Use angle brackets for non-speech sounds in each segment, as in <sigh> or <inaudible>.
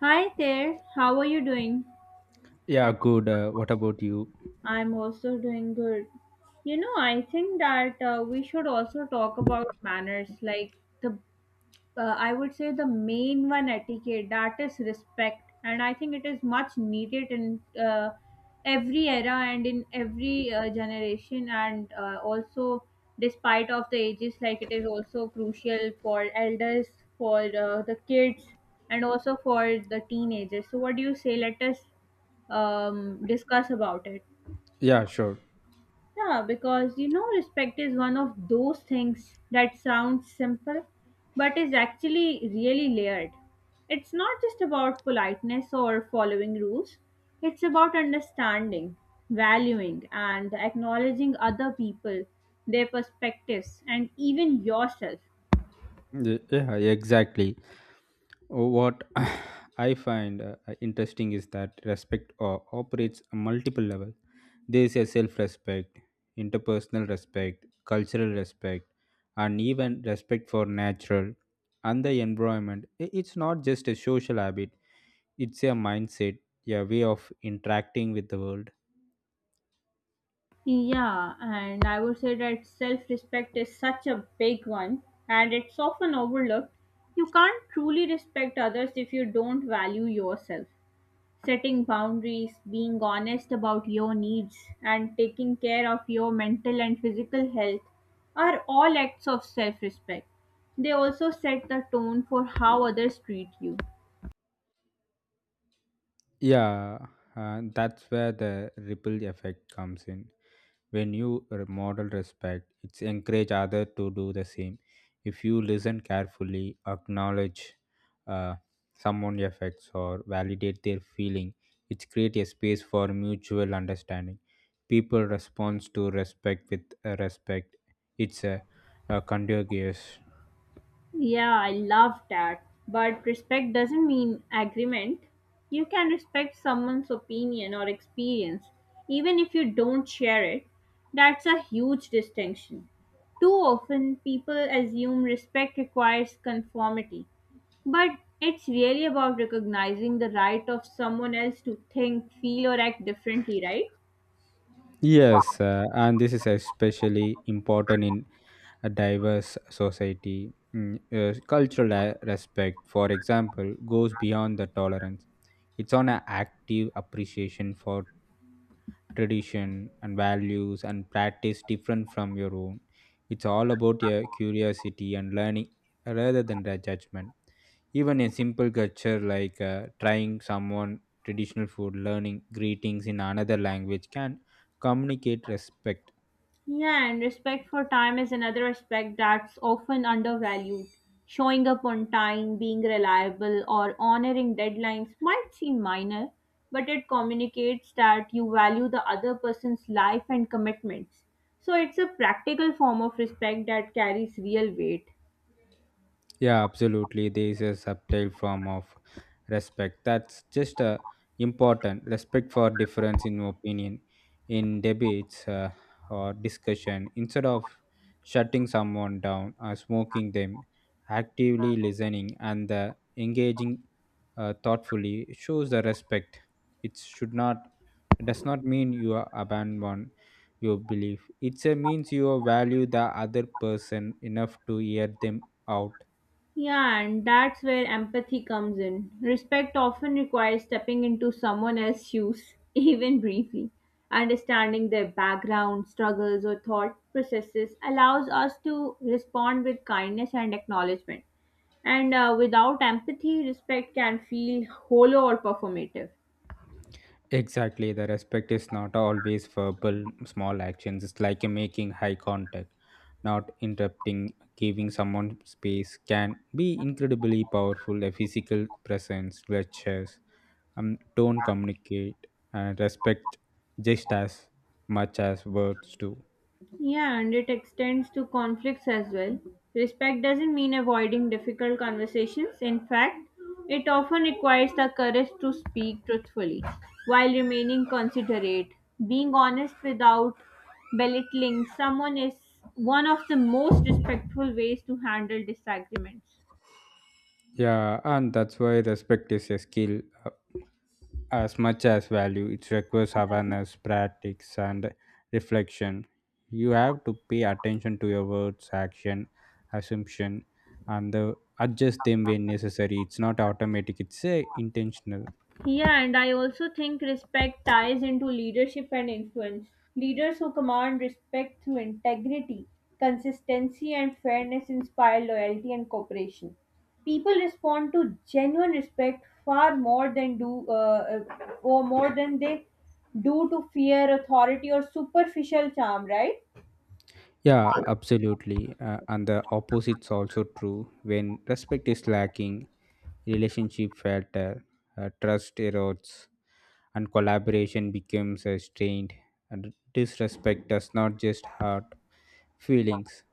Hi there, how are you doing? Yeah, good. What about you? I'm also doing good. You know, I think that we should also talk about manners, like the I would say the main one etiquette that is respect, and I think it is much needed in every era and in every generation, and also despite of the ages, like it is also crucial for elders, for the kids, and also for the teenagers. So, what do you say? Let us discuss about it. Yeah, sure. Yeah, because you know, respect is one of those things that sounds simple but is actually really layered. It's not just about politeness or following rules, it's about understanding, valuing, and acknowledging other people, their perspectives, and even yourself. Yeah, exactly. What <sighs> I find interesting is that respect operates on multiple levels. There is a self-respect, interpersonal respect, cultural respect, and even respect for natural and the environment. It's not just a social habit; it's a mindset, a way of interacting with the world. Yeah, and I would say that self respect is such a big one and it's often overlooked. You can't truly respect others if you don't value yourself. Setting boundaries, being honest about your needs, and taking care of your mental and physical health are all acts of self respect. They also set the tone for how others treat you. Yeah, and that's where the ripple effect comes in. When you model respect, it's encourage other to do the same. If you listen carefully, acknowledge uh, someone's effects or validate their feeling, it's create a space for mutual understanding. People respond to respect with respect. It's a, a contagious. Yeah, I love that. But respect doesn't mean agreement. You can respect someone's opinion or experience, even if you don't share it. That's a huge distinction. Too often, people assume respect requires conformity, but it's really about recognizing the right of someone else to think, feel, or act differently, right? Yes, and this is especially important in a diverse society. Cultural respect, for example, goes beyond the tolerance. It's on an active appreciation for tradition and values and practice different from your own. It's all about your curiosity and learning rather than the judgment. Even a simple culture like trying someone traditional food, learning greetings in another language can communicate respect. Yeah, and respect for time is another aspect that's often undervalued. Showing up on time, being reliable, or honoring deadlines might seem minor, but it communicates that you value the other person's life and commitments. So it's a practical form of respect that carries real weight. Yeah, absolutely. There is a subtle form of respect that's just important. Respect for difference in opinion, in debates or discussion. Instead of shutting someone down or smoking them, actively listening and engaging thoughtfully shows the respect. It should not does not mean you are abandon your belief. It means you value the other person enough to hear them out. Yeah, and that's where empathy comes in. Respect often requires stepping into someone else's shoes, <laughs> even briefly. Understanding their background, struggles, or thought processes allows us to respond with kindness and acknowledgement. And without empathy, respect can feel hollow or performative. Exactly, the respect is not always verbal, small actions. It's like making high contact, not interrupting, giving someone space can be incredibly powerful. A physical presence, gestures, tone communicate, and respect just as much as words do. Yeah, and it extends to conflicts as well. Respect doesn't mean avoiding difficult conversations. In fact, it often requires the courage to speak truthfully while remaining considerate. Being honest without belittling someone is one of the most respectful ways to handle disagreements. Yeah, and that's why respect is a skill as much as value, it requires Yeah. awareness, practice, and reflection. You have to pay attention to your words, action, assumption, and adjust them when necessary. It's not automatic; it's intentional. Yeah, and I also think respect ties into leadership and influence. Leaders who command respect through integrity, consistency, and fairness inspire loyalty and cooperation. People respond to genuine respect far more than do or more than they do to fear, authority, or superficial charm. Right? Yeah, absolutely. And the opposite's also true. When respect is lacking, relationship falter, trust erodes, and collaboration becomes strained. And disrespect does not just hurt; feelings.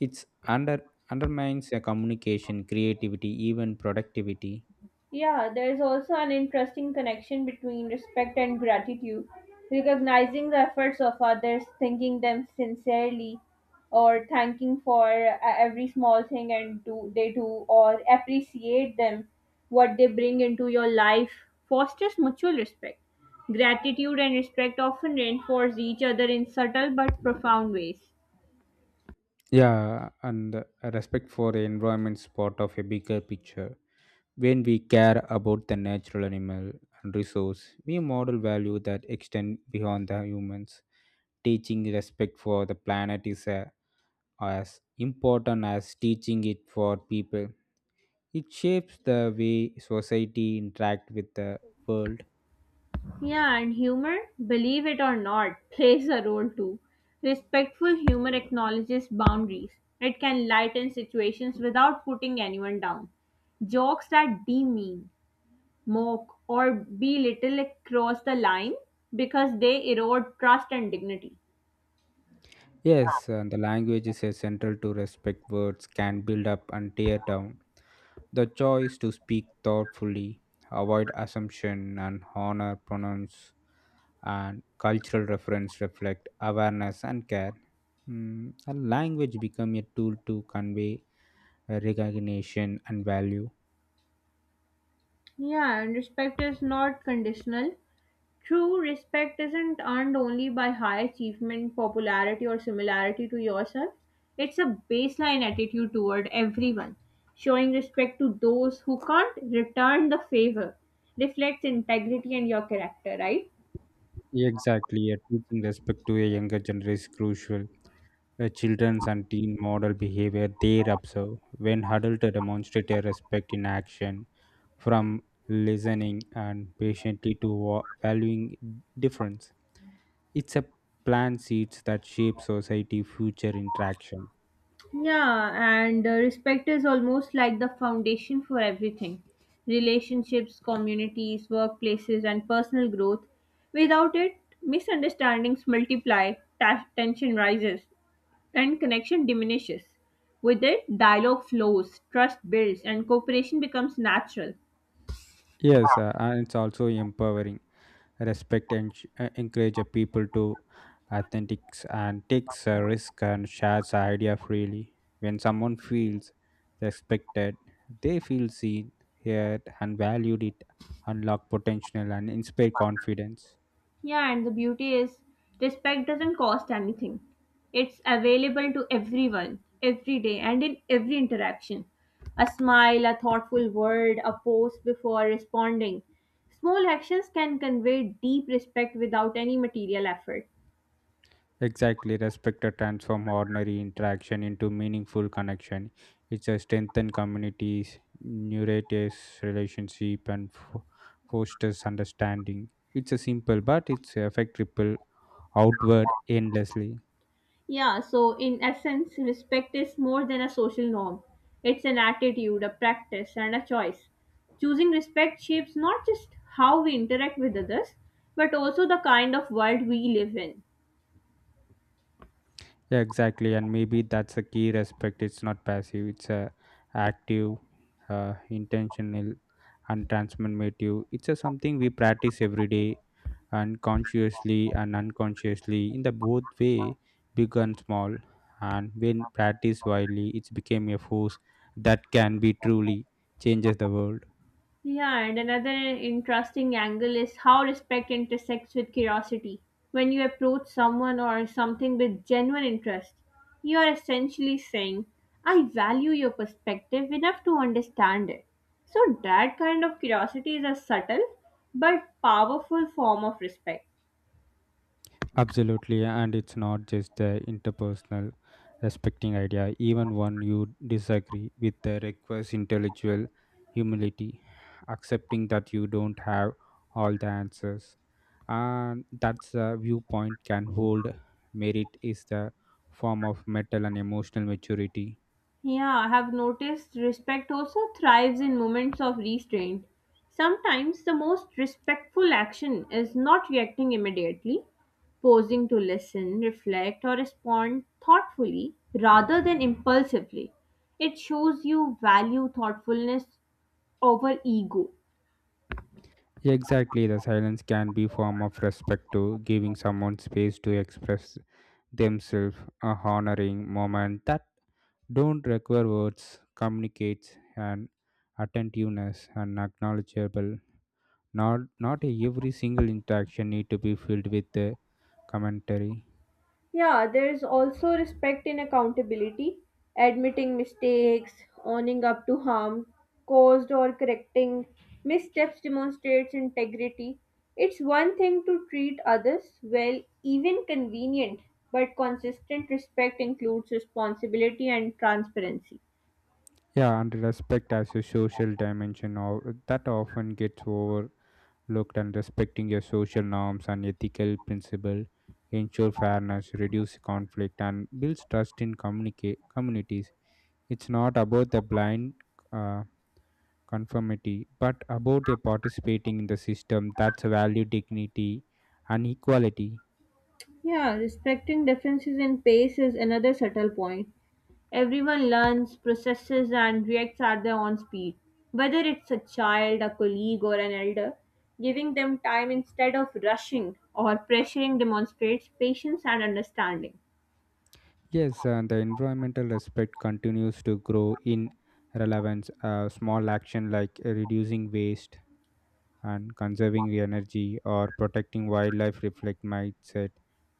It's under undermines your communication, creativity, even productivity. Yeah, there is also an interesting connection between respect and gratitude. Recognizing the efforts of others, thanking them sincerely, or thanking for every small thing and do they do, or appreciate them, what they bring into your life, fosters mutual respect. Gratitude and respect often reinforce each other in subtle but profound ways. Yeah, and respect for the environment's part of a bigger picture. When we care about the natural animal and resource, we model value that extend beyond the humans. Teaching respect for the planet is as important as teaching it for people. It shapes the way society interact with the world. Yeah, and humor, believe it or not, <laughs> plays a role too. Respectful humor acknowledges boundaries. It can lighten situations without putting anyone down. Jokes that demean, mock, or belittle cross the line because they erode trust and dignity. Yes, the language is essential to respect words can build up and tear down. The choice to speak thoughtfully, avoid assumption and honor pronounce and cultural reference reflect awareness and care. Mm, and language become a tool to convey recognition and value. Yeah, and respect is not conditional. True respect isn't earned only by high achievement, popularity, or similarity to yourself. It's a baseline attitude toward everyone. Showing respect to those who can't return the favor reflects integrity and your character, right? Exactly, teaching respect to a younger generation is crucial. The children's and teen model behavior they observe when adults demonstrate a respect in action from listening and patiently to valuing difference. It's a plant seeds that shape society future interaction. Yeah, and respect is almost like the foundation for everything: relationships, communities, workplaces, and personal growth. Without it, misunderstandings multiply, tension rises, and connection diminishes. With it, dialogue flows, trust builds, and cooperation becomes natural. Yes, and it's also empowering. Respect and encourage a people to authentics and takes a risk and shares a idea freely. When someone feels respected, they feel seen, heard, and valued. It unlock potential and inspire confidence. Yeah, and the beauty is respect doesn't cost anything. It's available to everyone, every day, and in every interaction. A smile, a thoughtful word, a pause before responding. Small actions can convey deep respect without any material effort. Exactly, respect to transform ordinary interaction into meaningful connection. It's a strengthen communities, nourishes relationship, and fosters understanding. It's a simple, but it's affect ripple outward endlessly. Yeah, so in essence, respect is more than a social norm. It's an attitude, a practice, and a choice. Choosing respect shapes not just how we interact with others, but also the kind of world we live in. Yeah, exactly, and maybe that's a key respect. It's not passive. It's a active, intentional, and transformative. It's a something we practice every day and consciously and unconsciously in the both way big and small and when practiced widely it became a force that can be truly changes the world. Yeah, and another interesting angle is how respect intersects with curiosity. When you approach someone or something with genuine interest, you are essentially saying, I value your perspective enough to understand it. So, that kind of curiosity is a subtle but powerful form of respect. Absolutely, and it's not just the interpersonal respecting idea, even when you disagree with the requires intellectual humility, accepting that you don't have all the answers. And that's the viewpoint can hold merit is the form of mental and emotional maturity. Yeah, I have noticed respect also thrives in moments of restraint. Sometimes the most respectful action is not reacting immediately, pausing to listen, reflect, or respond thoughtfully rather than impulsively. It shows you value thoughtfulness over ego. Exactly, the silence can be form of respect to giving someone space to express themselves, a honoring moment that don't require words, communicates an attentiveness and acknowledgeable. Not every single interaction need to be filled with a commentary. Yeah, there's also respect in accountability, admitting mistakes, owning up to harm caused or correcting missteps demonstrates integrity. It's one thing to treat others well, even convenient, but consistent respect includes responsibility and transparency. Yeah, and respect as a social dimension of that often gets overlooked and respecting your social norms and ethical principle ensure fairness, reduce conflict and builds trust in communicate communities. It's not about the blind uh, conformity, but about a participating in the system that's a value dignity and equality. Yeah, respecting differences in pace is another subtle point. Everyone learns, processes, and reacts at their own speed, whether it's a child, a colleague, or an elder. Giving them time instead of rushing or pressuring demonstrates patience and understanding. Yes, the environmental aspect continues to grow in relevance. Small action like reducing waste and conserving the energy or protecting wildlife reflect mindset.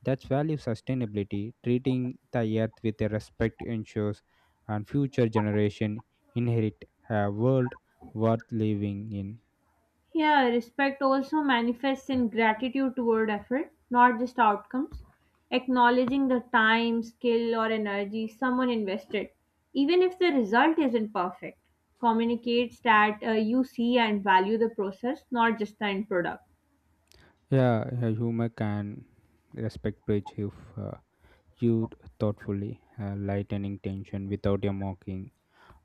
That's value sustainability. Treating the earth with a respect ensures and future generation inherit a world worth living in. Yeah, respect also manifests in gratitude toward effort, not just outcomes. Acknowledging the time, skill, or energy someone invested, even if the result isn't perfect, communicates that you see and value the process, not just the end product. Yeah, yeah, humor can respect bridge if uh, used thoughtfully, lightening tension without a mocking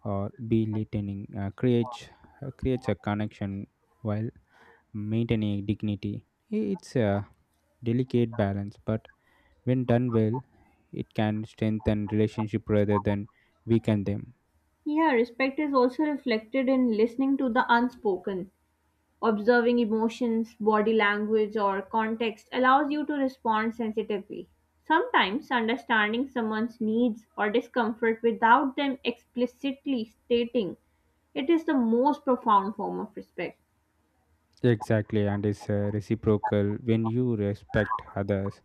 or belittling creates a connection while maintaining dignity. It's a delicate balance, but when done well, it can strengthen relationship rather than weaken them. Yeah, respect is also reflected in listening to the unspoken. Observing emotions, body language, or context allows you to respond sensitively. Sometimes understanding someone's needs or discomfort without them explicitly stating it is the most profound form of respect. Exactly, and it's reciprocal when you respect others.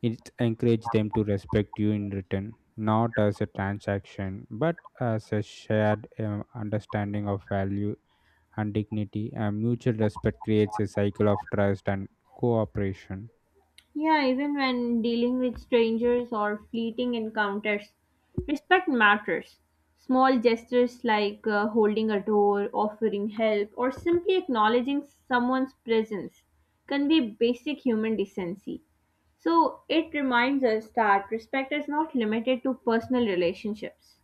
It encourages them to respect you in return, not as a transaction, but as a shared understanding of value and dignity. And mutual respect creates a cycle of trust and cooperation. Yeah, even when dealing with strangers or fleeting encounters, respect matters. Small gestures like holding a door, offering help, or simply acknowledging someone's presence convey basic human decency. So it reminds us that respect is not limited to personal relationships.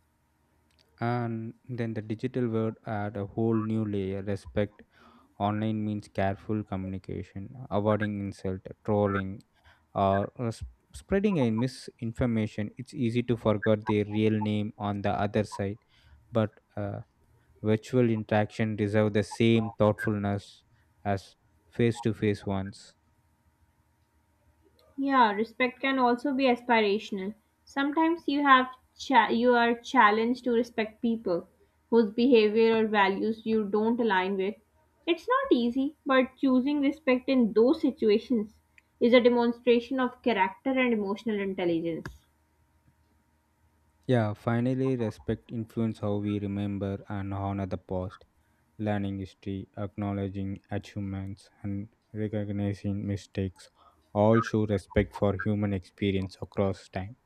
And then the digital world add a whole new layer. Respect online means careful communication, avoiding insult, trolling, or spreading a misinformation. It's easy to forget their real name on the other side, but uh, virtual interaction deserve the same thoughtfulness as face to face ones. Yeah, respect can also be aspirational. Sometimes you are challenged to respect people whose behavior or values you don't align with. It's not easy, but choosing respect in those situations is a demonstration of character and emotional intelligence. Yeah, finally, respect influence how we remember and honor the past, learning history, acknowledging achievements, and recognizing mistakes all show respect for human experience across time.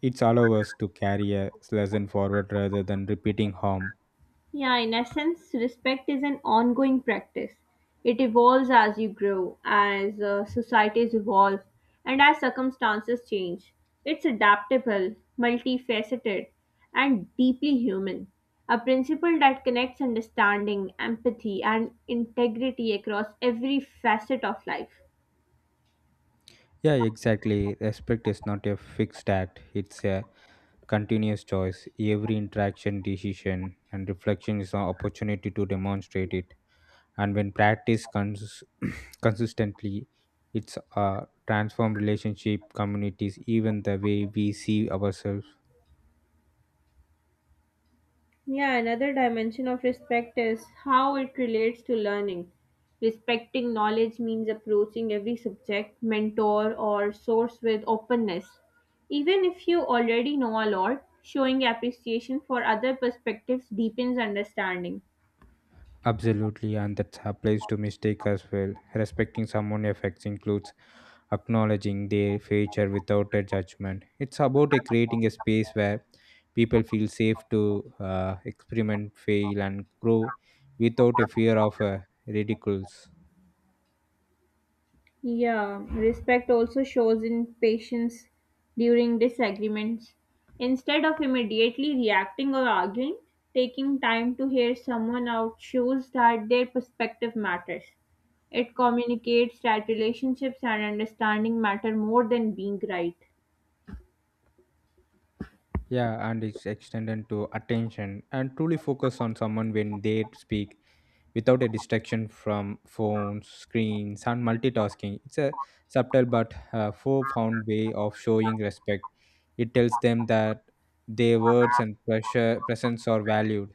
It allows us to carry a lesson forward rather than repeating harm. Yeah, in essence, respect is an ongoing practice. It evolves as you grow, as societies evolve, and as circumstances change. It's adaptable, multifaceted, and deeply human. A principle that connects understanding, empathy, and integrity across every facet of life. Yeah, exactly. Respect is not a fixed act, it's a continuous choice. Every interaction, decision, and reflection is an opportunity to demonstrate it. And when practiced consistently, it's a transform relationship, communities, even the way we see ourselves. Yeah, another dimension of respect is how it relates to learning. Respecting knowledge means approaching every subject, mentor, or source with openness. Even if you already know a lot, showing appreciation for other perspectives deepens understanding. Absolutely, and that applies to mistake as well. Respecting someone's effects includes acknowledging their future without a judgment. It's about creating a space where people feel safe to experiment, fail, and grow without a fear of ridicules. Yeah, respect also shows in patience during disagreements. Instead of immediately reacting or arguing, taking time to hear someone out shows that their perspective matters. It communicates that relationships and understanding matter more than being right. Yeah, and it's extended to attention and truly focus on someone when they speak without a distraction from phones, screens, and multitasking. It's a subtle but profound way of showing respect. It tells them that their words and pressure, presence are valued.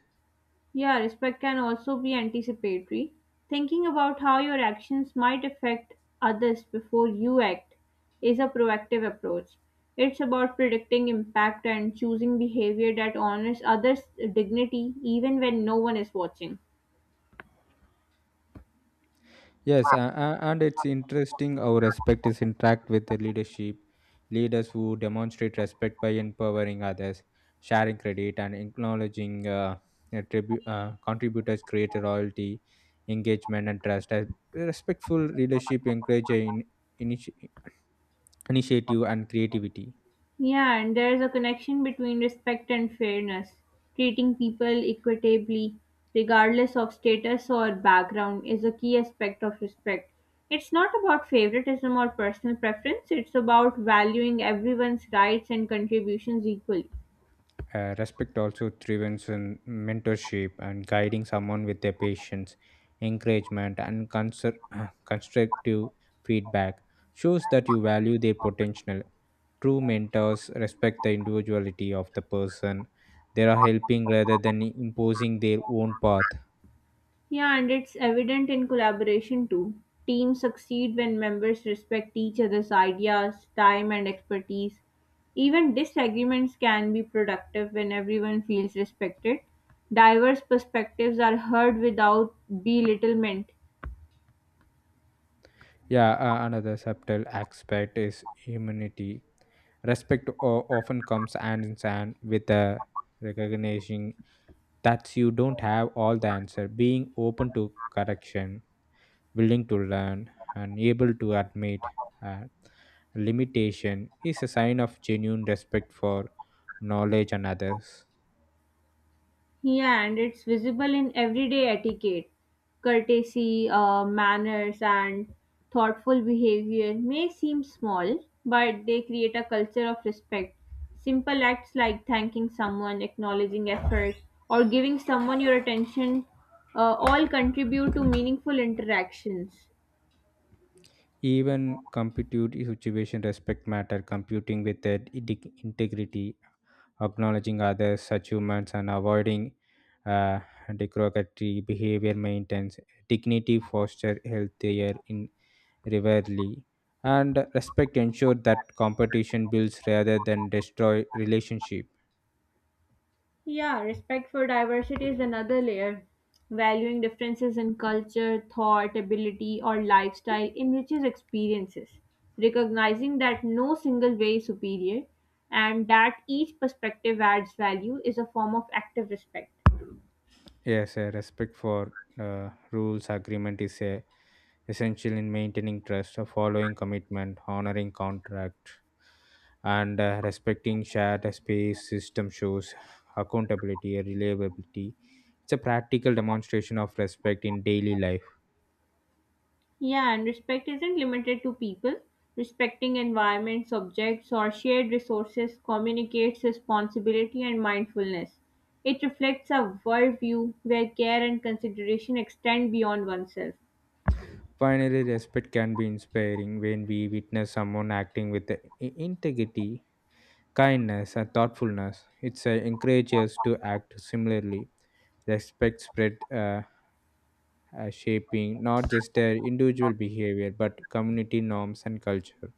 Yeah, respect can also be anticipatory, thinking about how your actions might affect others before you act is a proactive approach. It's about predicting impact and choosing behavior that honors others' dignity even when no one is watching. Yes, and it's interesting how respect is interact with the leadership. Leaders who demonstrate respect by empowering others, sharing credit, and acknowledging contributors create loyalty, engagement, and trust. A respectful leadership encourages initi- initiative and creativity. Yeah, and there's a connection between respect and fairness. Treating people equitably, regardless of status or background, is a key aspect of respect. It's not about favoritism or personal preference, it's about valuing everyone's rights and contributions equally. Respect also thrives in mentorship and guiding someone with their patience, encouragement, and <clears throat> constructive feedback shows that you value their potential. True mentors respect the individuality of the person they are helping rather than imposing their own path. Yeah, and it's evident in collaboration too. Teams succeed when members respect each other's ideas, time, and expertise. Even disagreements can be productive when everyone feels respected. Diverse perspectives are heard without belittlement. Yeah, another subtle aspect is humanity. Respect often comes hand in hand with the recognizing that you don't have all the answer. Being open to correction, willing to learn, and able to admit uh, limitation is a sign of genuine respect for knowledge and others. Yeah, and it's visible in everyday etiquette. Courtesy, manners, and thoughtful behavior may seem small, but they create a culture of respect. Simple acts like thanking someone, acknowledging effort, or giving someone your attention all contribute to meaningful interactions. Even compute situation respect matter, computing with the integrity acknowledging others' achievements and avoiding uh, derogatory behavior maintains dignity, foster healthier in rivalry, and respect ensure that competition builds rather than destroy relationship. Yeah, respect for diversity is another layer. Valuing differences in culture, thought, ability, or lifestyle enriches experiences. Recognizing that no single way is superior and that each perspective adds value is a form of active respect. Yes, a respect for rules agreement is a essential in maintaining trust, following commitment, honoring contract and respecting shared space system shows accountability and reliability. It's a practical demonstration of respect in daily life. Yeah, and respect isn't limited to people. Respecting environment, subjects, or shared resources communicates responsibility and mindfulness. It reflects a worldview where care and consideration extend beyond oneself. Finally, respect can be inspiring when we witness someone acting with integrity, kindness and thoughtfulness. It encourages us to act similarly. Respect spread, shaping not just their individual behavior but community norms and culture.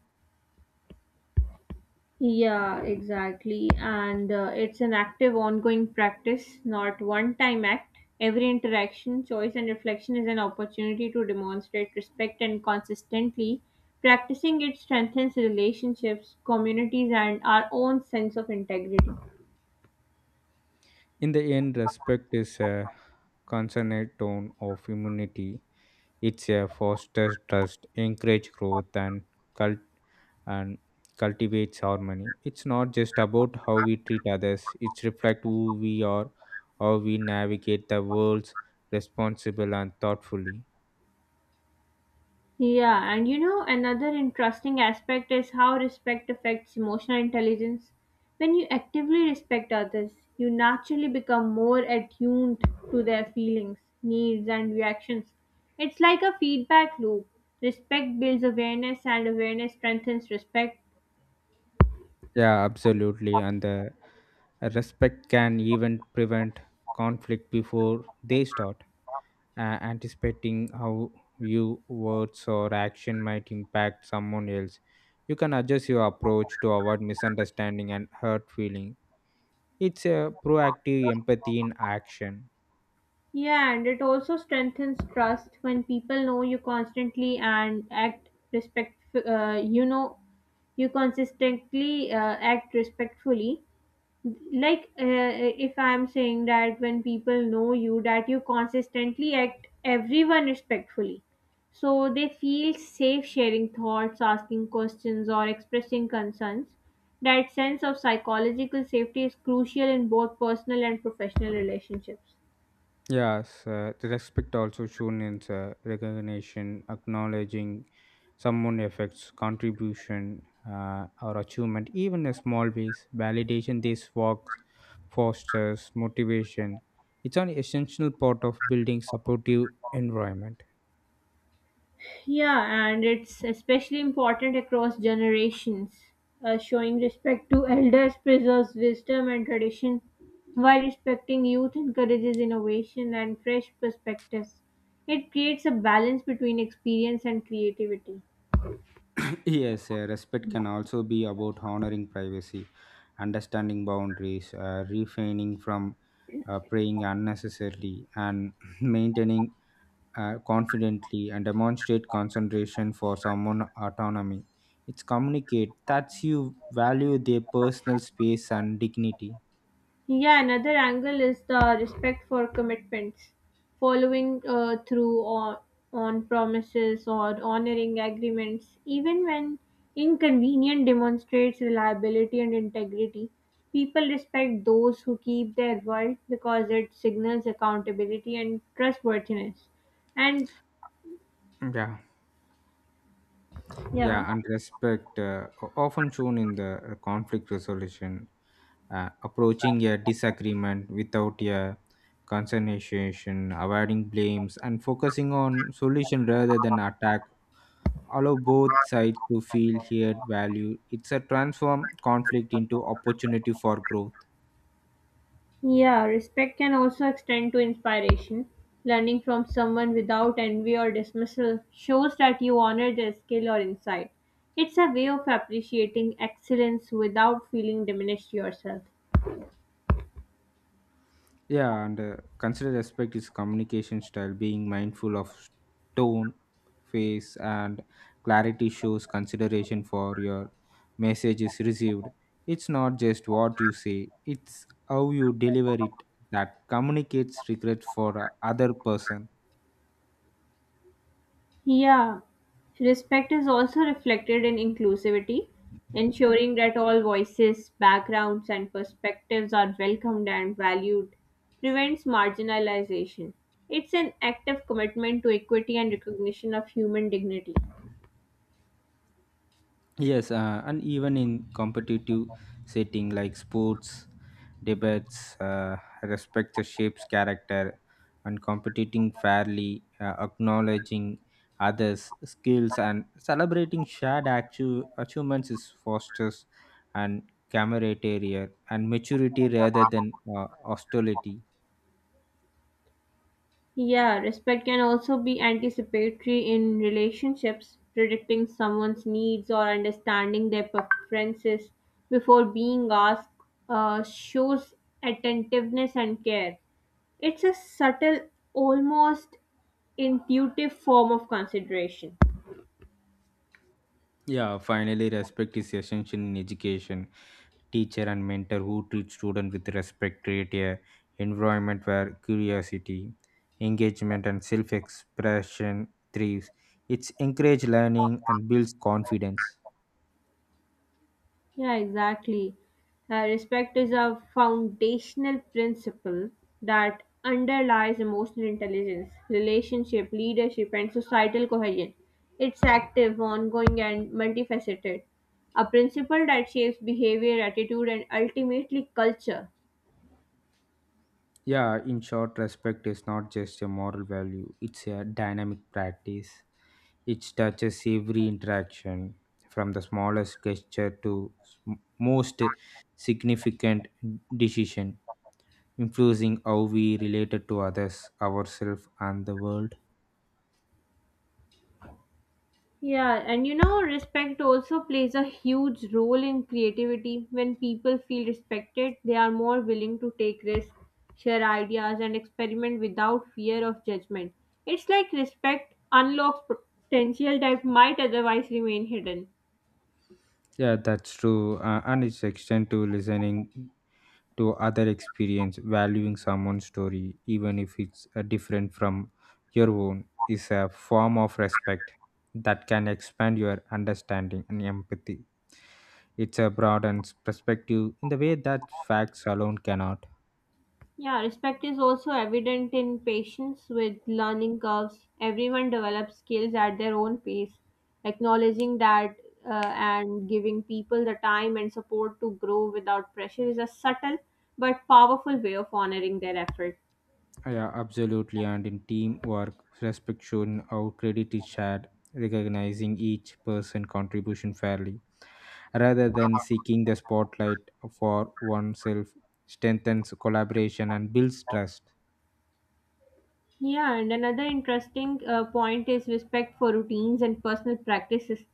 Yeah, exactly. And it's an active, ongoing practice, not one time act. Every interaction, choice, and reflection is an opportunity to demonstrate respect, and consistently practicing it strengthens relationships, communities, and our own sense of integrity. In the end, respect is a consonant tone of humanity. It's a fosters trust, encourage growth, and cult and cultivates harmony. It's not just about how we treat others. It's reflect who we are, how we navigate the world responsible and thoughtfully. Yeah, and you know, another interesting aspect is how respect affects emotional intelligence. When you actively respect others, you naturally become more attuned to their feelings, needs, and reactions. It's like a feedback loop. Respect builds awareness, and awareness strengthens respect. Yeah, absolutely. And the respect can even prevent conflict before they start. Anticipating how you words or action might impact someone else, you can adjust your approach to avoid misunderstanding and hurt feeling. It's a proactive empathy in action. Yeah, and it also strengthens trust when people know you constantly and act respect. You know, you consistently act respectfully like if I'm saying that when people know you that you consistently act everyone respectfully, so they feel safe sharing thoughts, asking questions, or expressing concerns. That sense of psychological safety is crucial in both personal and professional relationships. Yes, the respect also shown in recognition, acknowledging someone effects, contribution, or achievement, even in small ways. Validation these works fosters motivation. It's an essential part of building supportive environment. Yeah, and it's especially important across generations. Showing respect to elders preserves wisdom and tradition, while respecting youth encourages innovation and fresh perspectives. It creates a balance between experience and creativity. <coughs> <clears throat> Yes, respect can also be about honoring privacy, understanding boundaries, refraining from praying unnecessarily, and <coughs> <clears throat> maintaining confidently and demonstrate concentration for someone autonomy. It's communicate that you value their personal space and dignity. Yeah, another angle is the respect for commitments, following on promises or honoring agreements, even when inconvenient, demonstrates reliability and integrity. People respect those who keep their word because it signals accountability and trustworthiness. And Yeah, yeah. yeah, and respect often shown in the conflict resolution, approaching a disagreement without a conciliation, avoiding blames, and focusing on solution rather than attack. Allow both sides to feel heard, value. It's a transform conflict into opportunity for growth. Yeah, respect can also extend to inspiration. Learning from someone without envy or dismissal shows that you honor their skill or insight. It's a way of appreciating excellence without feeling diminished yourself. Yeah, and considered aspect is communication style. Being mindful of tone, face, and clarity shows consideration for your message is received. It's not just what you say; it's how you deliver it that communicates regret for other person. Yeah, respect is also reflected in inclusivity, ensuring that all voices, backgrounds, and perspectives are welcomed and valued prevents marginalization. It's an active commitment to equity and recognition of human dignity. Yes, and even in competitive setting like sports, debates, respect the shape's character, and competing fairly, acknowledging others' skills, and celebrating shared achievements is fosters and camaraderie and maturity rather than hostility. Yeah, respect can also be anticipatory in relationships, predicting someone's needs or understanding their preferences before being asked shows attentiveness and care. It's a subtle, almost intuitive form of consideration. Yeah, finally, respect is essential in education. Teacher and mentor who treat student with respect create a environment where curiosity, engagement, and self-expression thrives. It's encourage learning and builds confidence. Yeah, exactly. Respect is a foundational principle that underlies emotional intelligence, relationship, leadership, and societal cohesion. It's active, ongoing, and multifaceted. A principle that shapes behavior, attitude, and ultimately culture. Yeah, in short, respect is not just a moral value; it's a dynamic practice. It touches every interaction, from the smallest gesture to s- most significant decision, influencing how we related to others, ourselves, and the world. Yeah, and you know, respect also plays a huge role in creativity. When people feel respected, they are more willing to take risks, share ideas, and experiment without fear of judgment. It's like respect unlocks potential that might otherwise remain hidden. Yeah, that's true. And it's extend to listening to other experience, valuing someone's story, even if it's different from your own, is a form of respect that can expand your understanding and empathy. It's a broadens perspective in the way that facts alone cannot. Yeah, respect is also evident in patience with learning curves. Everyone develops skills at their own pace. Acknowledging that and giving people the time and support to grow without pressure is a subtle but powerful way of honoring their effort. Yeah, absolutely. And in teamwork, respect shown, how credit is shared, recognizing each person contribution fairly, rather than seeking the spotlight for oneself, strengthens collaboration and builds trust. Yeah, and another interesting point is respect for routines and personal practices.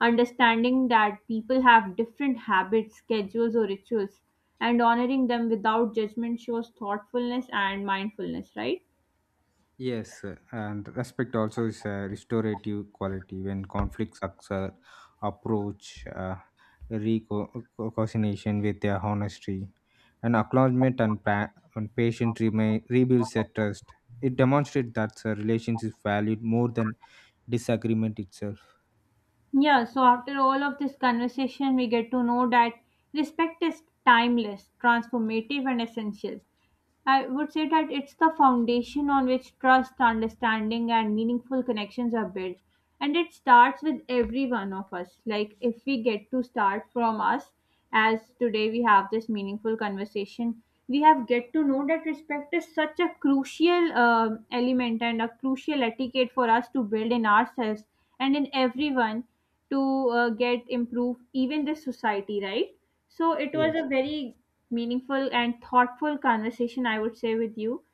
Understanding that people have different habits, schedules, or rituals, and honoring them without judgment shows thoughtfulness and mindfulness, right? Yes, and respect also is a restorative quality when conflicts occur, approach reconciliation with their honesty, and acknowledgement and and patient remain, rebuilds a trust. It demonstrates that the relations is valued more than disagreement itself. Yeah, so after all of this conversation, we get to know that respect is timeless, transformative, and essential. I would say that it's the foundation on which trust, understanding, and meaningful connections are built. And it starts with every one of us. Like, if we get to start from us, as today we have this meaningful conversation, we have get to know that respect is such a crucial element and a crucial etiquette for us to build in ourselves and in everyone to get improved, even this society, right? So it was Yes. a very meaningful and thoughtful conversation, I would say, with you.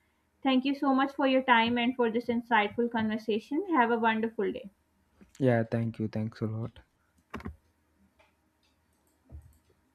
Thank you so much for your time and for this insightful conversation. Have a wonderful day. Yeah. Thank you. Thanks a lot.